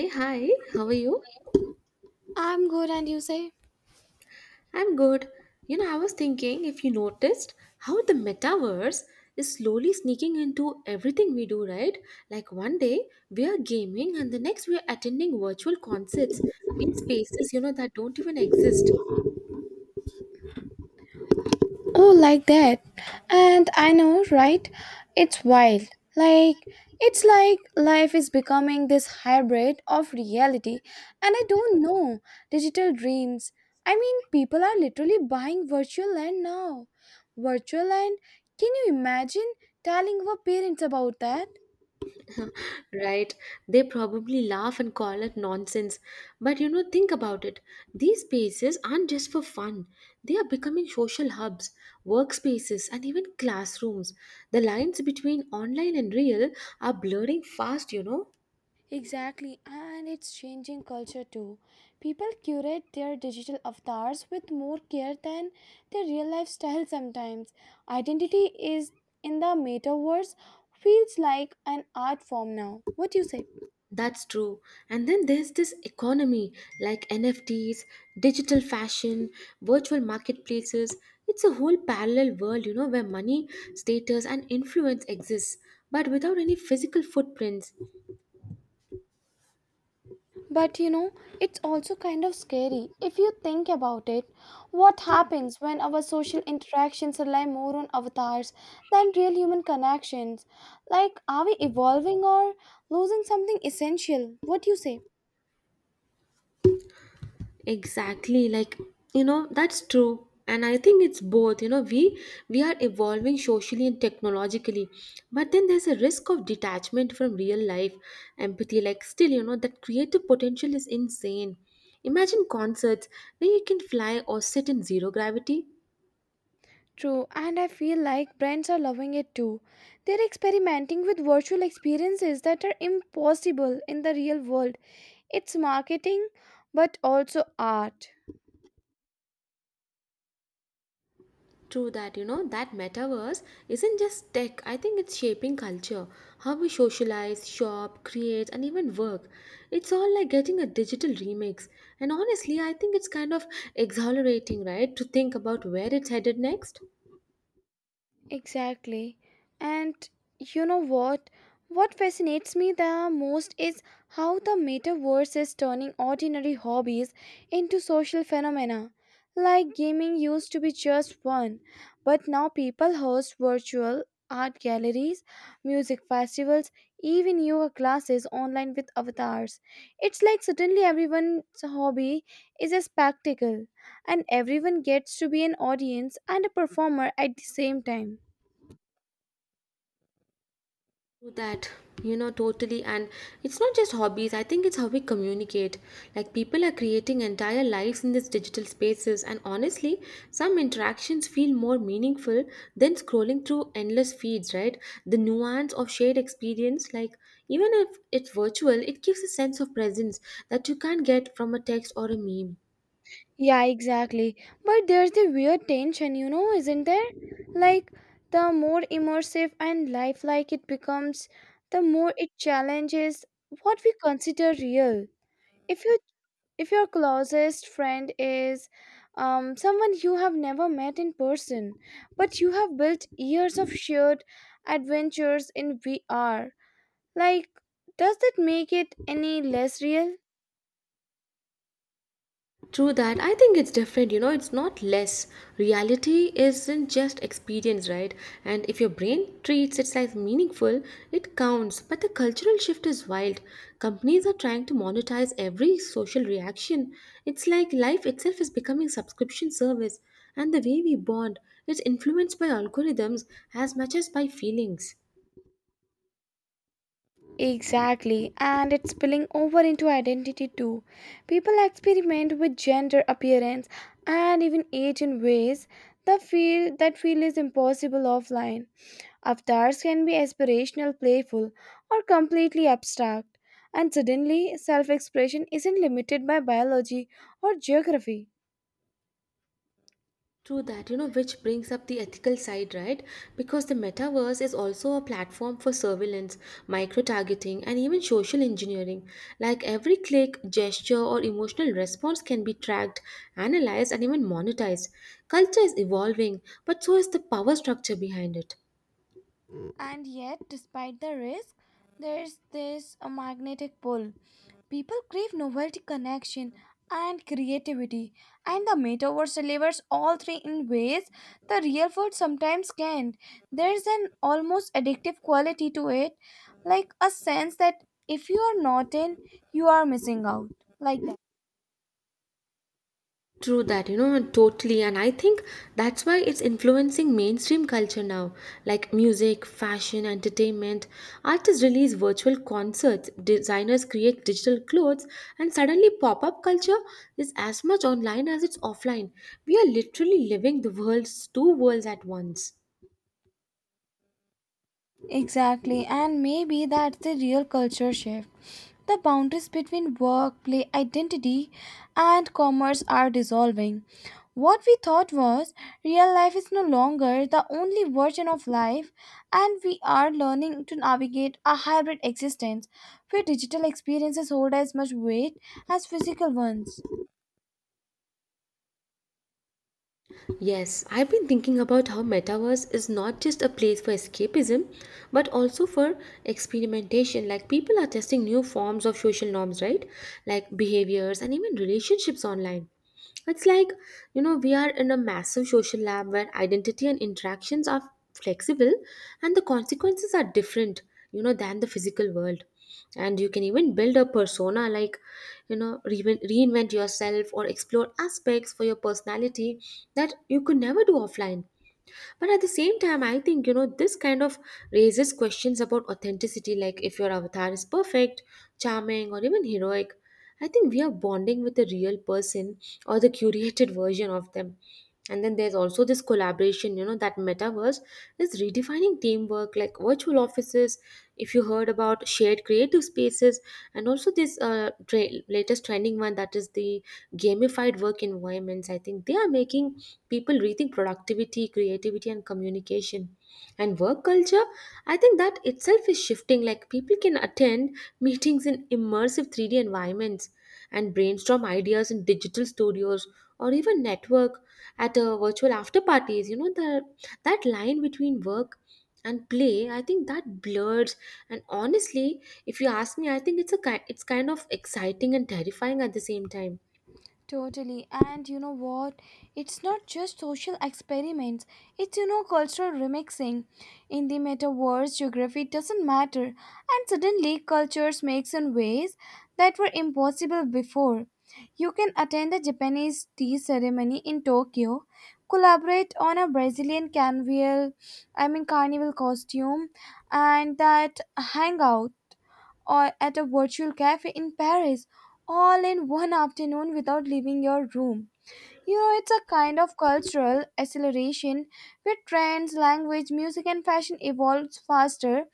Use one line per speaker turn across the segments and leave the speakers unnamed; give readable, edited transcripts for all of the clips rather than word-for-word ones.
Hey, hi, how are you?
I'm good, and you say?
I'm good. You know, I was thinking if you noticed how the metaverse is slowly sneaking into everything we do, right? Like one day we are gaming and the next we are attending virtual concerts in spaces, you know, that don't even exist.
Oh, like that. And I know, right? It's wild. Like, it's like life is becoming this hybrid of reality, and I don't know. Digital dreams. I mean, people are literally buying virtual land now. Virtual land? Can you imagine telling our parents about that?
Right? They probably laugh and call it nonsense. But you know, think about it. These spaces aren't just for fun, they are becoming social hubs, workspaces, and even classrooms. The lines between online and real are blurring fast, you know.
Exactly, and it's changing culture too. People curate their digital avatars with more care than their real life style sometimes. Identity is in the metaverse feels like an art form now. What do you say?
That's true. And then there's this economy like NFTs, digital fashion, virtual marketplaces. It's a whole parallel world, you know, where money, status, and influence exists, but without any physical footprints.
But it's also kind of scary. If you think about it, what happens when our social interactions rely more on avatars than real human connections? Like, are we evolving or losing something essential? What do you say?
Exactly, like you know, that's true. And I think it's both, you know, we are evolving socially and technologically, but then there's a risk of detachment from real life empathy. Like still, you know, that creative potential is insane. Imagine concerts where you can fly or sit in zero gravity.
True, and I feel like brands are loving it too. They're experimenting with virtual experiences that are impossible in the real world. It's marketing, but also art.
True that, you know, that metaverse isn't just tech. I think it's shaping culture, how we socialize, shop, create, and even work. It's all like getting a digital remix. And honestly, I think it's kind of exhilarating, right, to think about where it's headed next.
Exactly. And you know what? What fascinates me the most is how the metaverse is turning ordinary hobbies into social phenomena. Like gaming used to be just fun, but now people host virtual art galleries, music festivals, even yoga classes online with avatars. It's like suddenly everyone's hobby is a spectacle, and everyone gets to be an audience and a performer at the same time.
Do that, you know, totally. And it's not just hobbies, I think it's how we communicate. Like people are creating entire lives in these digital spaces, and honestly some interactions feel more meaningful than scrolling through endless feeds, right? The nuance of shared experience, like, even if it's virtual, it gives a sense of presence that you can't get from a text or a meme.
Yeah, exactly. But there's the weird tension, isn't there? Like, the more immersive and lifelike it becomes, the more it challenges what we consider real. If you if your closest friend is someone you have never met in person, but you have built years of shared adventures in VR, like, does that make it any less real?
True that. I think it's different, you know, it's not less. Reality isn't just experience, right? And if your brain treats it as meaningful, it counts. But the cultural shift is wild. Companies are trying to monetize every social reaction. It's like life itself is becoming subscription service, and the way we bond is influenced by algorithms as much as by feelings.
Exactly, and it's spilling over into identity too. People experiment with gender, appearance, and even age in ways that feel is impossible offline. Avatars can be aspirational, playful, or completely abstract, and suddenly self-expression isn't limited by biology or geography.
True that, you know, which brings up the ethical side, right? Because the metaverse is also a platform for surveillance, micro targeting, and even social engineering. Like every click, gesture, or emotional response can be tracked, analyzed, and even monetized. Culture is evolving, but so is the power structure behind it.
And yet, despite the risk, there's this magnetic pull. People crave novelty, connection, and creativity, and the metaverse delivers all three in ways the real world sometimes can't. There's an almost addictive quality to it, like a sense that if you are not in, you are missing out. Like.
True that, you know, totally. And I think that's why it's influencing mainstream culture now, like music, fashion, entertainment. Artists release virtual concerts, designers create digital clothes, and suddenly pop up culture is as much online as it's offline. We are literally living the world's two worlds at once.
Exactly, and maybe that's the real culture shift. The boundaries between work, play, identity, and commerce are dissolving. What we thought was real life is no longer the only version of life, and we are learning to navigate a hybrid existence where digital experiences hold as much weight as physical ones.
Yes, I've been thinking about how metaverse is not just a place for escapism, but also for experimentation. Like people are testing new forms of social norms, right? Like behaviors and even relationships online. It's like, you know, we are in a massive social lab where identity and interactions are flexible and the consequences are different, you know, than the physical world. And you can even build a persona, like, you know, reinvent yourself or explore aspects for your personality that you could never do offline. But at the same time, I think, you know, this kind of raises questions about authenticity. Like if your avatar is perfect, charming, or even heroic, I think we are bonding with the real person or the curated version of them. And then there's also this collaboration, you know, that metaverse is redefining teamwork, like virtual offices, if you heard about shared creative spaces, and also this latest trending one, that is the gamified work environments. I think they are making people rethink productivity, creativity, and communication. And work culture, I think that itself is shifting. Like people can attend meetings in immersive 3D environments and brainstorm ideas in digital studios, or even network at virtual after parties. You know, the that line between work and play, I think that blurs. And honestly, if you ask me, I think it's a it's kind of exciting and terrifying at the same time.
Totally. And you know what? It's not just social experiments, it's cultural remixing. In the metaverse, geography doesn't matter. And suddenly, cultures mix in ways that were impossible before. You can attend the Japanese tea ceremony in Tokyo, collaborate on a Brazilian carnival, I mean carnival costume, and that hangout or at a virtual cafe in Paris all in one afternoon without leaving your room. It's a kind of cultural acceleration where trends, language, music, and fashion evolves faster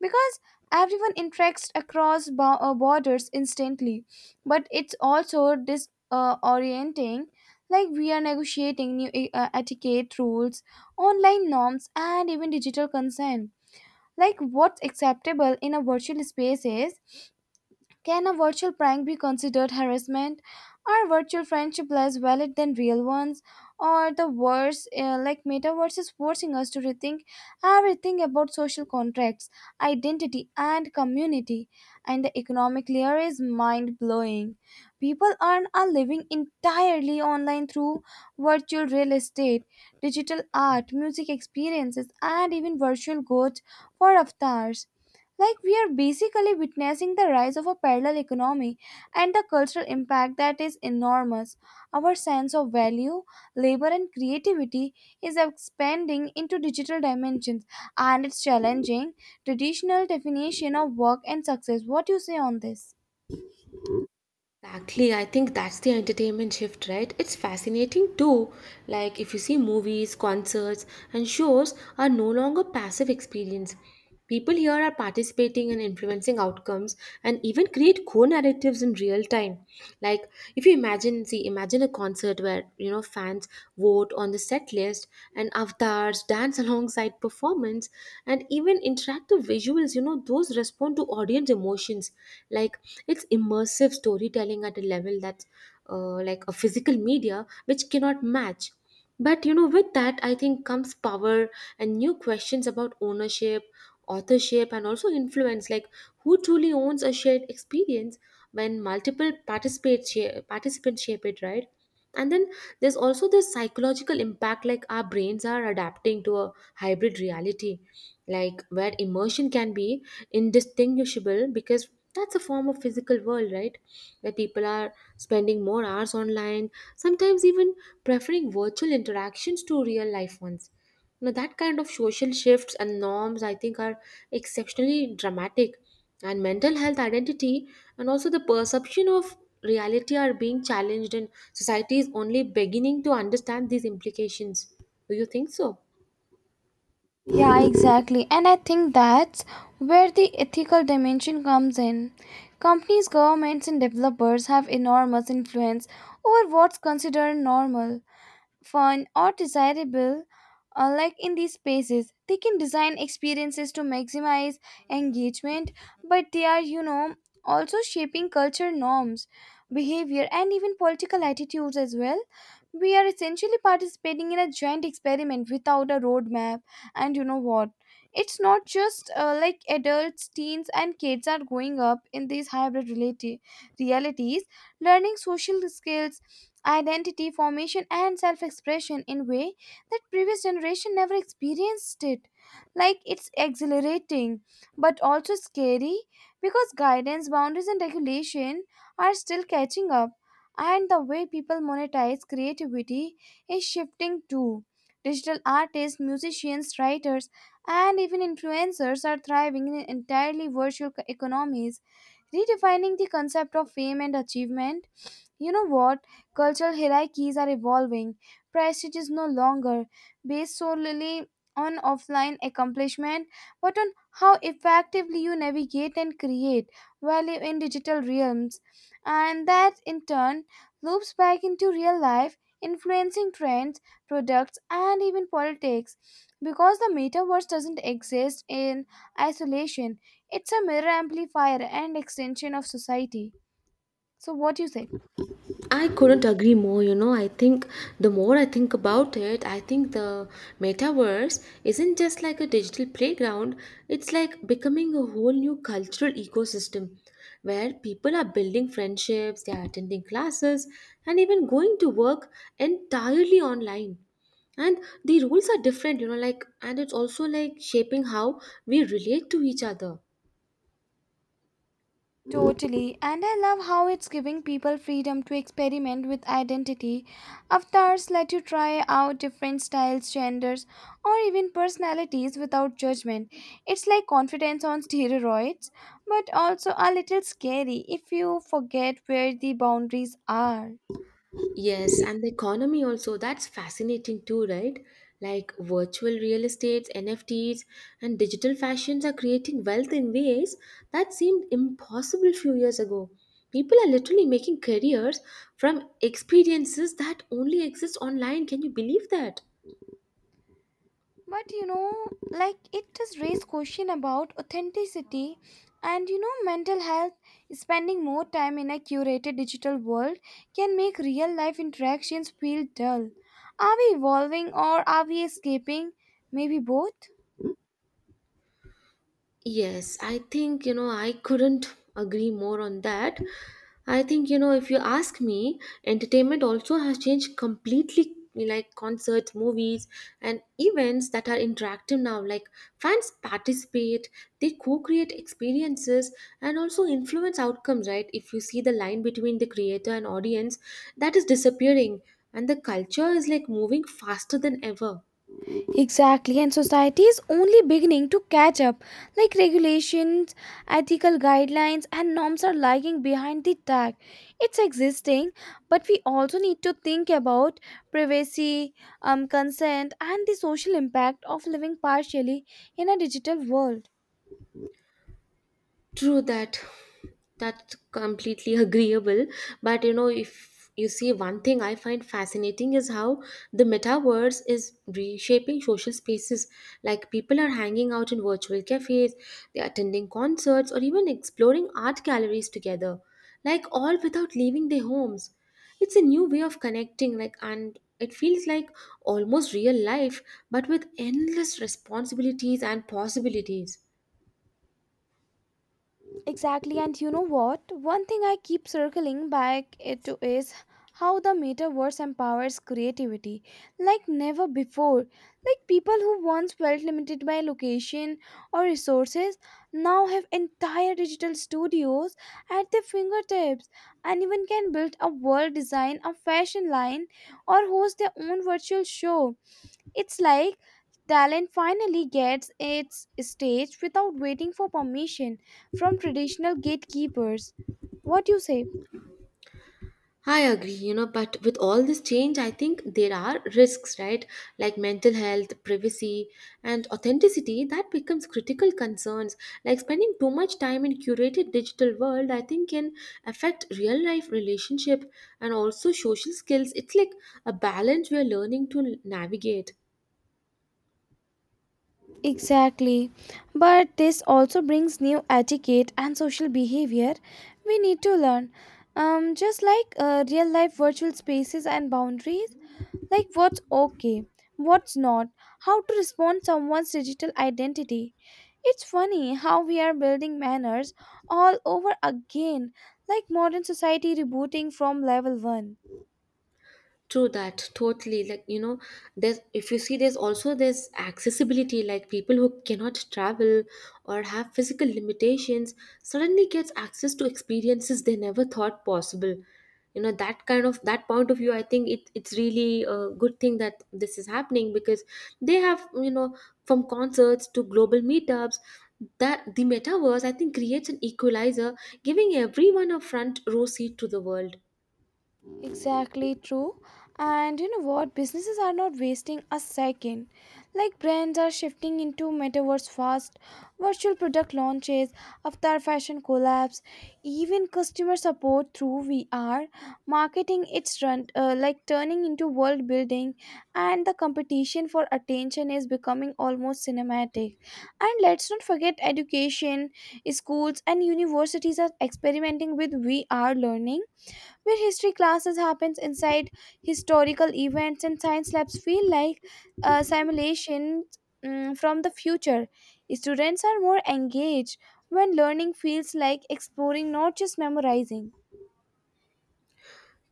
because everyone interacts across borders instantly. But it's also disorienting, like we are negotiating new etiquette rules, online norms, and even digital consent. Like what's acceptable in a virtual space is can a virtual prank be considered harassment? Are virtual friendships less valid than real ones? Or the worse, like metaverse is forcing us to rethink everything about social contracts, identity, and community. And the economic layer is mind blowing. People earn a living entirely online through virtual real estate, digital art, music experiences, and even virtual goats for avatars. Like, we are basically witnessing the rise of a parallel economy and the cultural impact that is enormous. Our sense of value, labor, and creativity is expanding into digital dimensions and it's challenging traditional definition of work and success. What do you say on this?
Exactly, I think that's the entertainment shift, right? It's fascinating too. Like, if you see, movies, concerts, and shows are no longer passive experience. People here are participating and influencing outcomes and even create co narratives in real time. Like, if you imagine, see, imagine a concert where, you know, fans vote on the set list and avatars dance alongside performance and even interactive visuals, you know, those respond to audience emotions. Like, it's immersive storytelling at a level that's like a physical media which cannot match. But you know, with that I think comes power and new questions about ownership, authorship, and also influence. Like, who truly owns a shared experience when multiple participants shape it, right? And then there's also this psychological impact. Like our brains are adapting to a hybrid reality, like where immersion can be indistinguishable, because that's a form of physical world, right, where people are spending more hours online, sometimes even preferring virtual interactions to real life ones. Now that kind of social shifts and norms, I think, are exceptionally dramatic. And mental health, identity, and also the perception of reality are being challenged, and society is only beginning to understand these implications. Do you think so?
Yeah, exactly. And I think that's where the ethical dimension comes in. Companies, governments, and developers have enormous influence over what's considered normal, fun, or desirable, like in these spaces. They can design experiences to maximize engagement, but they are also shaping culture norms, behavior, and even political attitudes as well. We are essentially participating in a giant experiment without a roadmap, and you know what? It's not just like adults, teens, and kids are growing up in these hybrid realities, learning social skills, identity formation and self-expression in way that previous generation never experienced it. Like, it's exhilarating but also scary because guidance, boundaries, and regulation are still catching up. And the way people monetize creativity is shifting too. Digital artists, musicians, writers, and even influencers are thriving in entirely virtual economies, redefining the concept of fame and achievement. You know what? Cultural hierarchies are evolving. Prestige is no longer based solely on offline accomplishment, but on how effectively you navigate and create value in digital realms. And that, in turn, loops back into real life, influencing trends, products, and even politics. Because the metaverse doesn't exist in isolation, it's a mirror amplifier and extension of society. So, what do you say?
I couldn't agree more. You know, I think the more I think about it, I think the metaverse isn't just like a digital playground, it's like becoming a whole new cultural ecosystem where people are building friendships, they are attending classes, and even going to work entirely online. And the rules are different, you know, like, and it's also like shaping how we relate to each other.
Totally, and I love how it's giving people freedom to experiment with identity. Avatars let you try out different styles, genders, or even personalities without judgment. It's like confidence on steroids, but also a little scary if you forget where the boundaries are.
Yes, and the economy also, that's fascinating too, right? Like virtual real estates, NFTs, and digital fashions are creating wealth in ways that seemed impossible few years ago. People are literally making careers from experiences that only exist online. Can you believe that?
But like, it does raise question about authenticity. And mental health. Spending more time in a curated digital world can make real life interactions feel dull. Are we evolving or are we escaping? Maybe both.
Yes, I think, you know, I couldn't agree more on that. I think, you know, if you ask me, entertainment also has changed completely, like concerts, movies, and events that are interactive now. Like fans participate, they co-create experiences and also influence outcomes, right? If you see, the line between the creator and audience, that is disappearing, and the culture is like moving faster than ever.
Exactly, and society is only beginning to catch up. Like regulations, ethical guidelines, and norms are lagging behind the tech. It's existing, but we also need to think about privacy, consent, and the social impact of living partially in a digital world.
True that. That's completely agreeable. But you know, if you see, one thing I find fascinating is how the metaverse is reshaping social spaces. Like people are hanging out in virtual cafes, they're attending concerts, or even exploring art galleries together. Like all without leaving their homes. It's a new way of connecting, like, and it feels like almost real life, but with endless responsibilities and possibilities.
Exactly, and you know what? One thing I keep circling back it to is how the metaverse empowers creativity like never before. Like people who once felt limited by location or resources now have entire digital studios at their fingertips and even can build a world, design a fashion line, or host their own virtual show. It's like talent finally gets its stage without waiting for permission from traditional gatekeepers. What do you say?
I agree, you know, but with all this change, I think there are risks, right? Like mental health, privacy, and authenticity that becomes critical concerns. Like spending too much time in curated digital world, I think, can affect real life relationship and also social skills. It's like a balance we are learning to navigate.
Exactly. But this also brings new etiquette and social behavior we need to learn. Just like real life virtual spaces and boundaries, like what's okay, what's not, how to respond someone's digital identity. It's funny how we are building manners all over again, like modern society rebooting from level 1.
True that, totally. Like, you know, there's, if you see, there's also this accessibility, like people who cannot travel or have physical limitations suddenly gets access to experiences they never thought possible. You know, that kind of that point of view, I think it's really a good thing that this is happening because they have, you know, from concerts to global meetups, that the metaverse I think creates an equalizer, giving everyone a front row seat to the world.
Exactly, true. And you know what? Businesses are not wasting a second. Like brands are shifting into metaverse fast, virtual product launches, avatar fashion collabs, even customer support through VR. Marketing it's run like turning into world building, and the competition for attention is becoming almost cinematic. And let's not forget education. Schools and universities are experimenting with VR learning where history classes happens inside historical events and science labs feel like simulations from the future. Students are more engaged when learning feels like exploring, not just memorizing.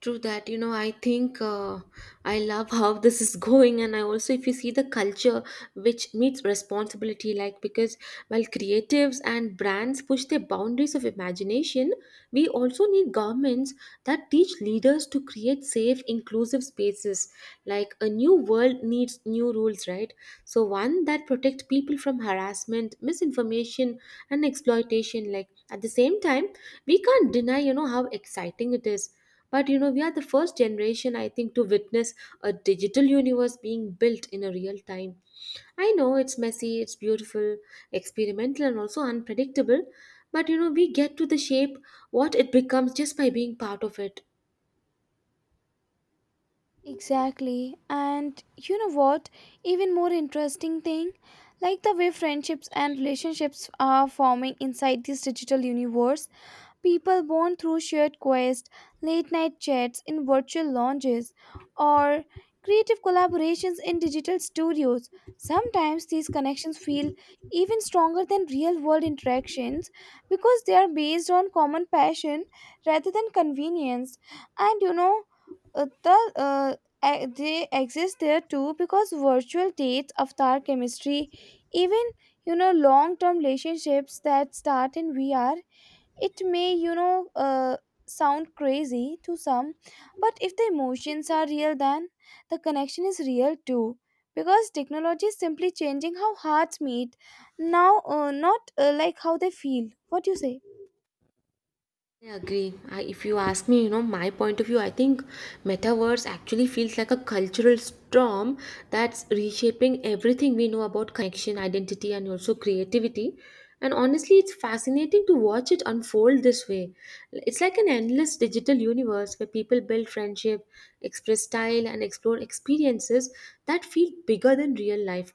True that, you know, I think I love how this is going, and I also, if you see, the culture which meets responsibility, like because while creatives and brands push their boundaries of imagination, we also need governments that teach leaders to create safe, inclusive spaces. Like a new world needs new rules, right? So, one that protect people from harassment, misinformation, and exploitation. Like at the same time, we can't deny, you know, how exciting it is. But you know, we are the first generation, I think, to witness a digital universe being built in a real time. I know it's messy, it's beautiful, experimental, and also unpredictable. But you know, we get to the shape what it becomes just by being part of it.
Exactly. And you know what? Even more interesting thing, like the way friendships and relationships are forming inside this digital universe. People bond through shared quests, late night chats in virtual lounges, or creative collaborations in digital studios. Sometimes these connections feel even stronger than real world interactions because they are based on common passion rather than convenience. And you know, uh, the uh, e- they exist there too because virtual dates, avatar chemistry, even long term relationships that start in VR. It may sound crazy to some, but if the emotions are real, then the connection is real too. Because technology is simply changing how hearts meet now, not like how they feel. What do you say?
I agree. I, if you ask me, you know, my point of view, I think metaverse actually feels like a cultural storm that's reshaping everything we know about connection, identity, and also creativity. And honestly, it's fascinating to watch it unfold this way. It's like an endless digital universe where people build friendship, express style, and explore experiences that feel bigger than real life,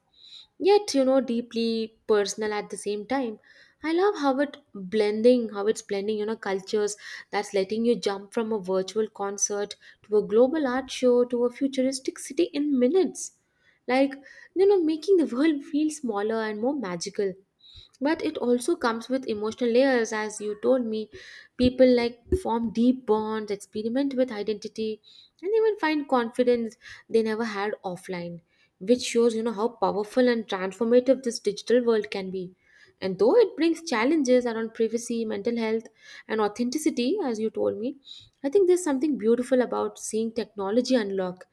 yet, you know, deeply personal at the same time. I love how it blending, how it's blending, you know, cultures, that's letting you jump from a virtual concert to a global art show to a futuristic city in minutes. Like, you know, making the world feel smaller and more magical. But it also comes with emotional layers, as you told me, people like form deep bonds, experiment with identity, and even find confidence they never had offline, which shows, you know, how powerful and transformative this digital world can be. And though it brings challenges around privacy, mental health, and authenticity, as you told me, I think there's something beautiful about seeing technology unlock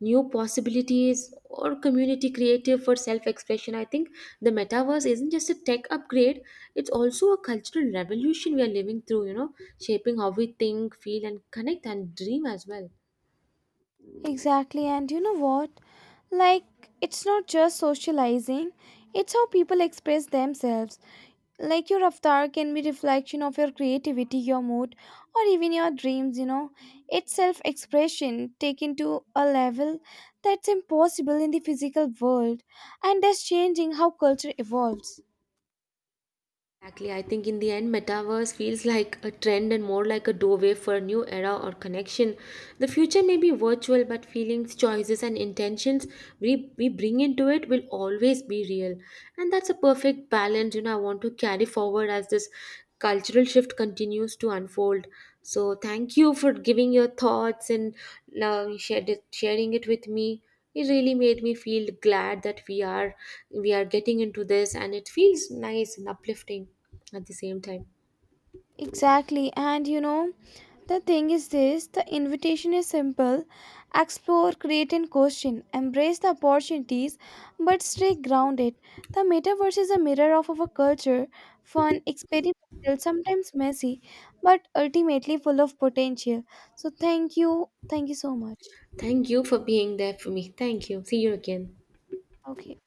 new possibilities or community creative for self expression. I think the metaverse isn't just a tech upgrade, it's also a cultural revolution we are living through, you know, shaping how we think, feel, and connect and dream as well.
Exactly, and you know what? Like, it's not just socializing, it's how people express themselves. Like your avatar can be reflection of your creativity, your mood, or even your dreams. It's self-expression taken to a level that's impossible in the physical world and that's changing how culture evolves.
Exactly. I think in the end, metaverse feels like a trend and more like a doorway for a new era or connection. The future may be virtual, but feelings, choices, and intentions we bring into it will always be real. And that's a perfect balance, you know, I want to carry forward as this cultural shift continues to unfold. So thank you for giving your thoughts and sharing it with me. It really made me feel glad that we are getting into this, and it feels nice and uplifting at the same time.
Exactly. And the thing is this: the invitation is simple. Explore, create, and question. Embrace the opportunities, but stay grounded. The metaverse is a mirror of our culture, fun, experimental, sometimes messy, but ultimately full of potential. So, thank you. Thank you so much.
Thank you for being there for me. Thank you. See you again.
Okay.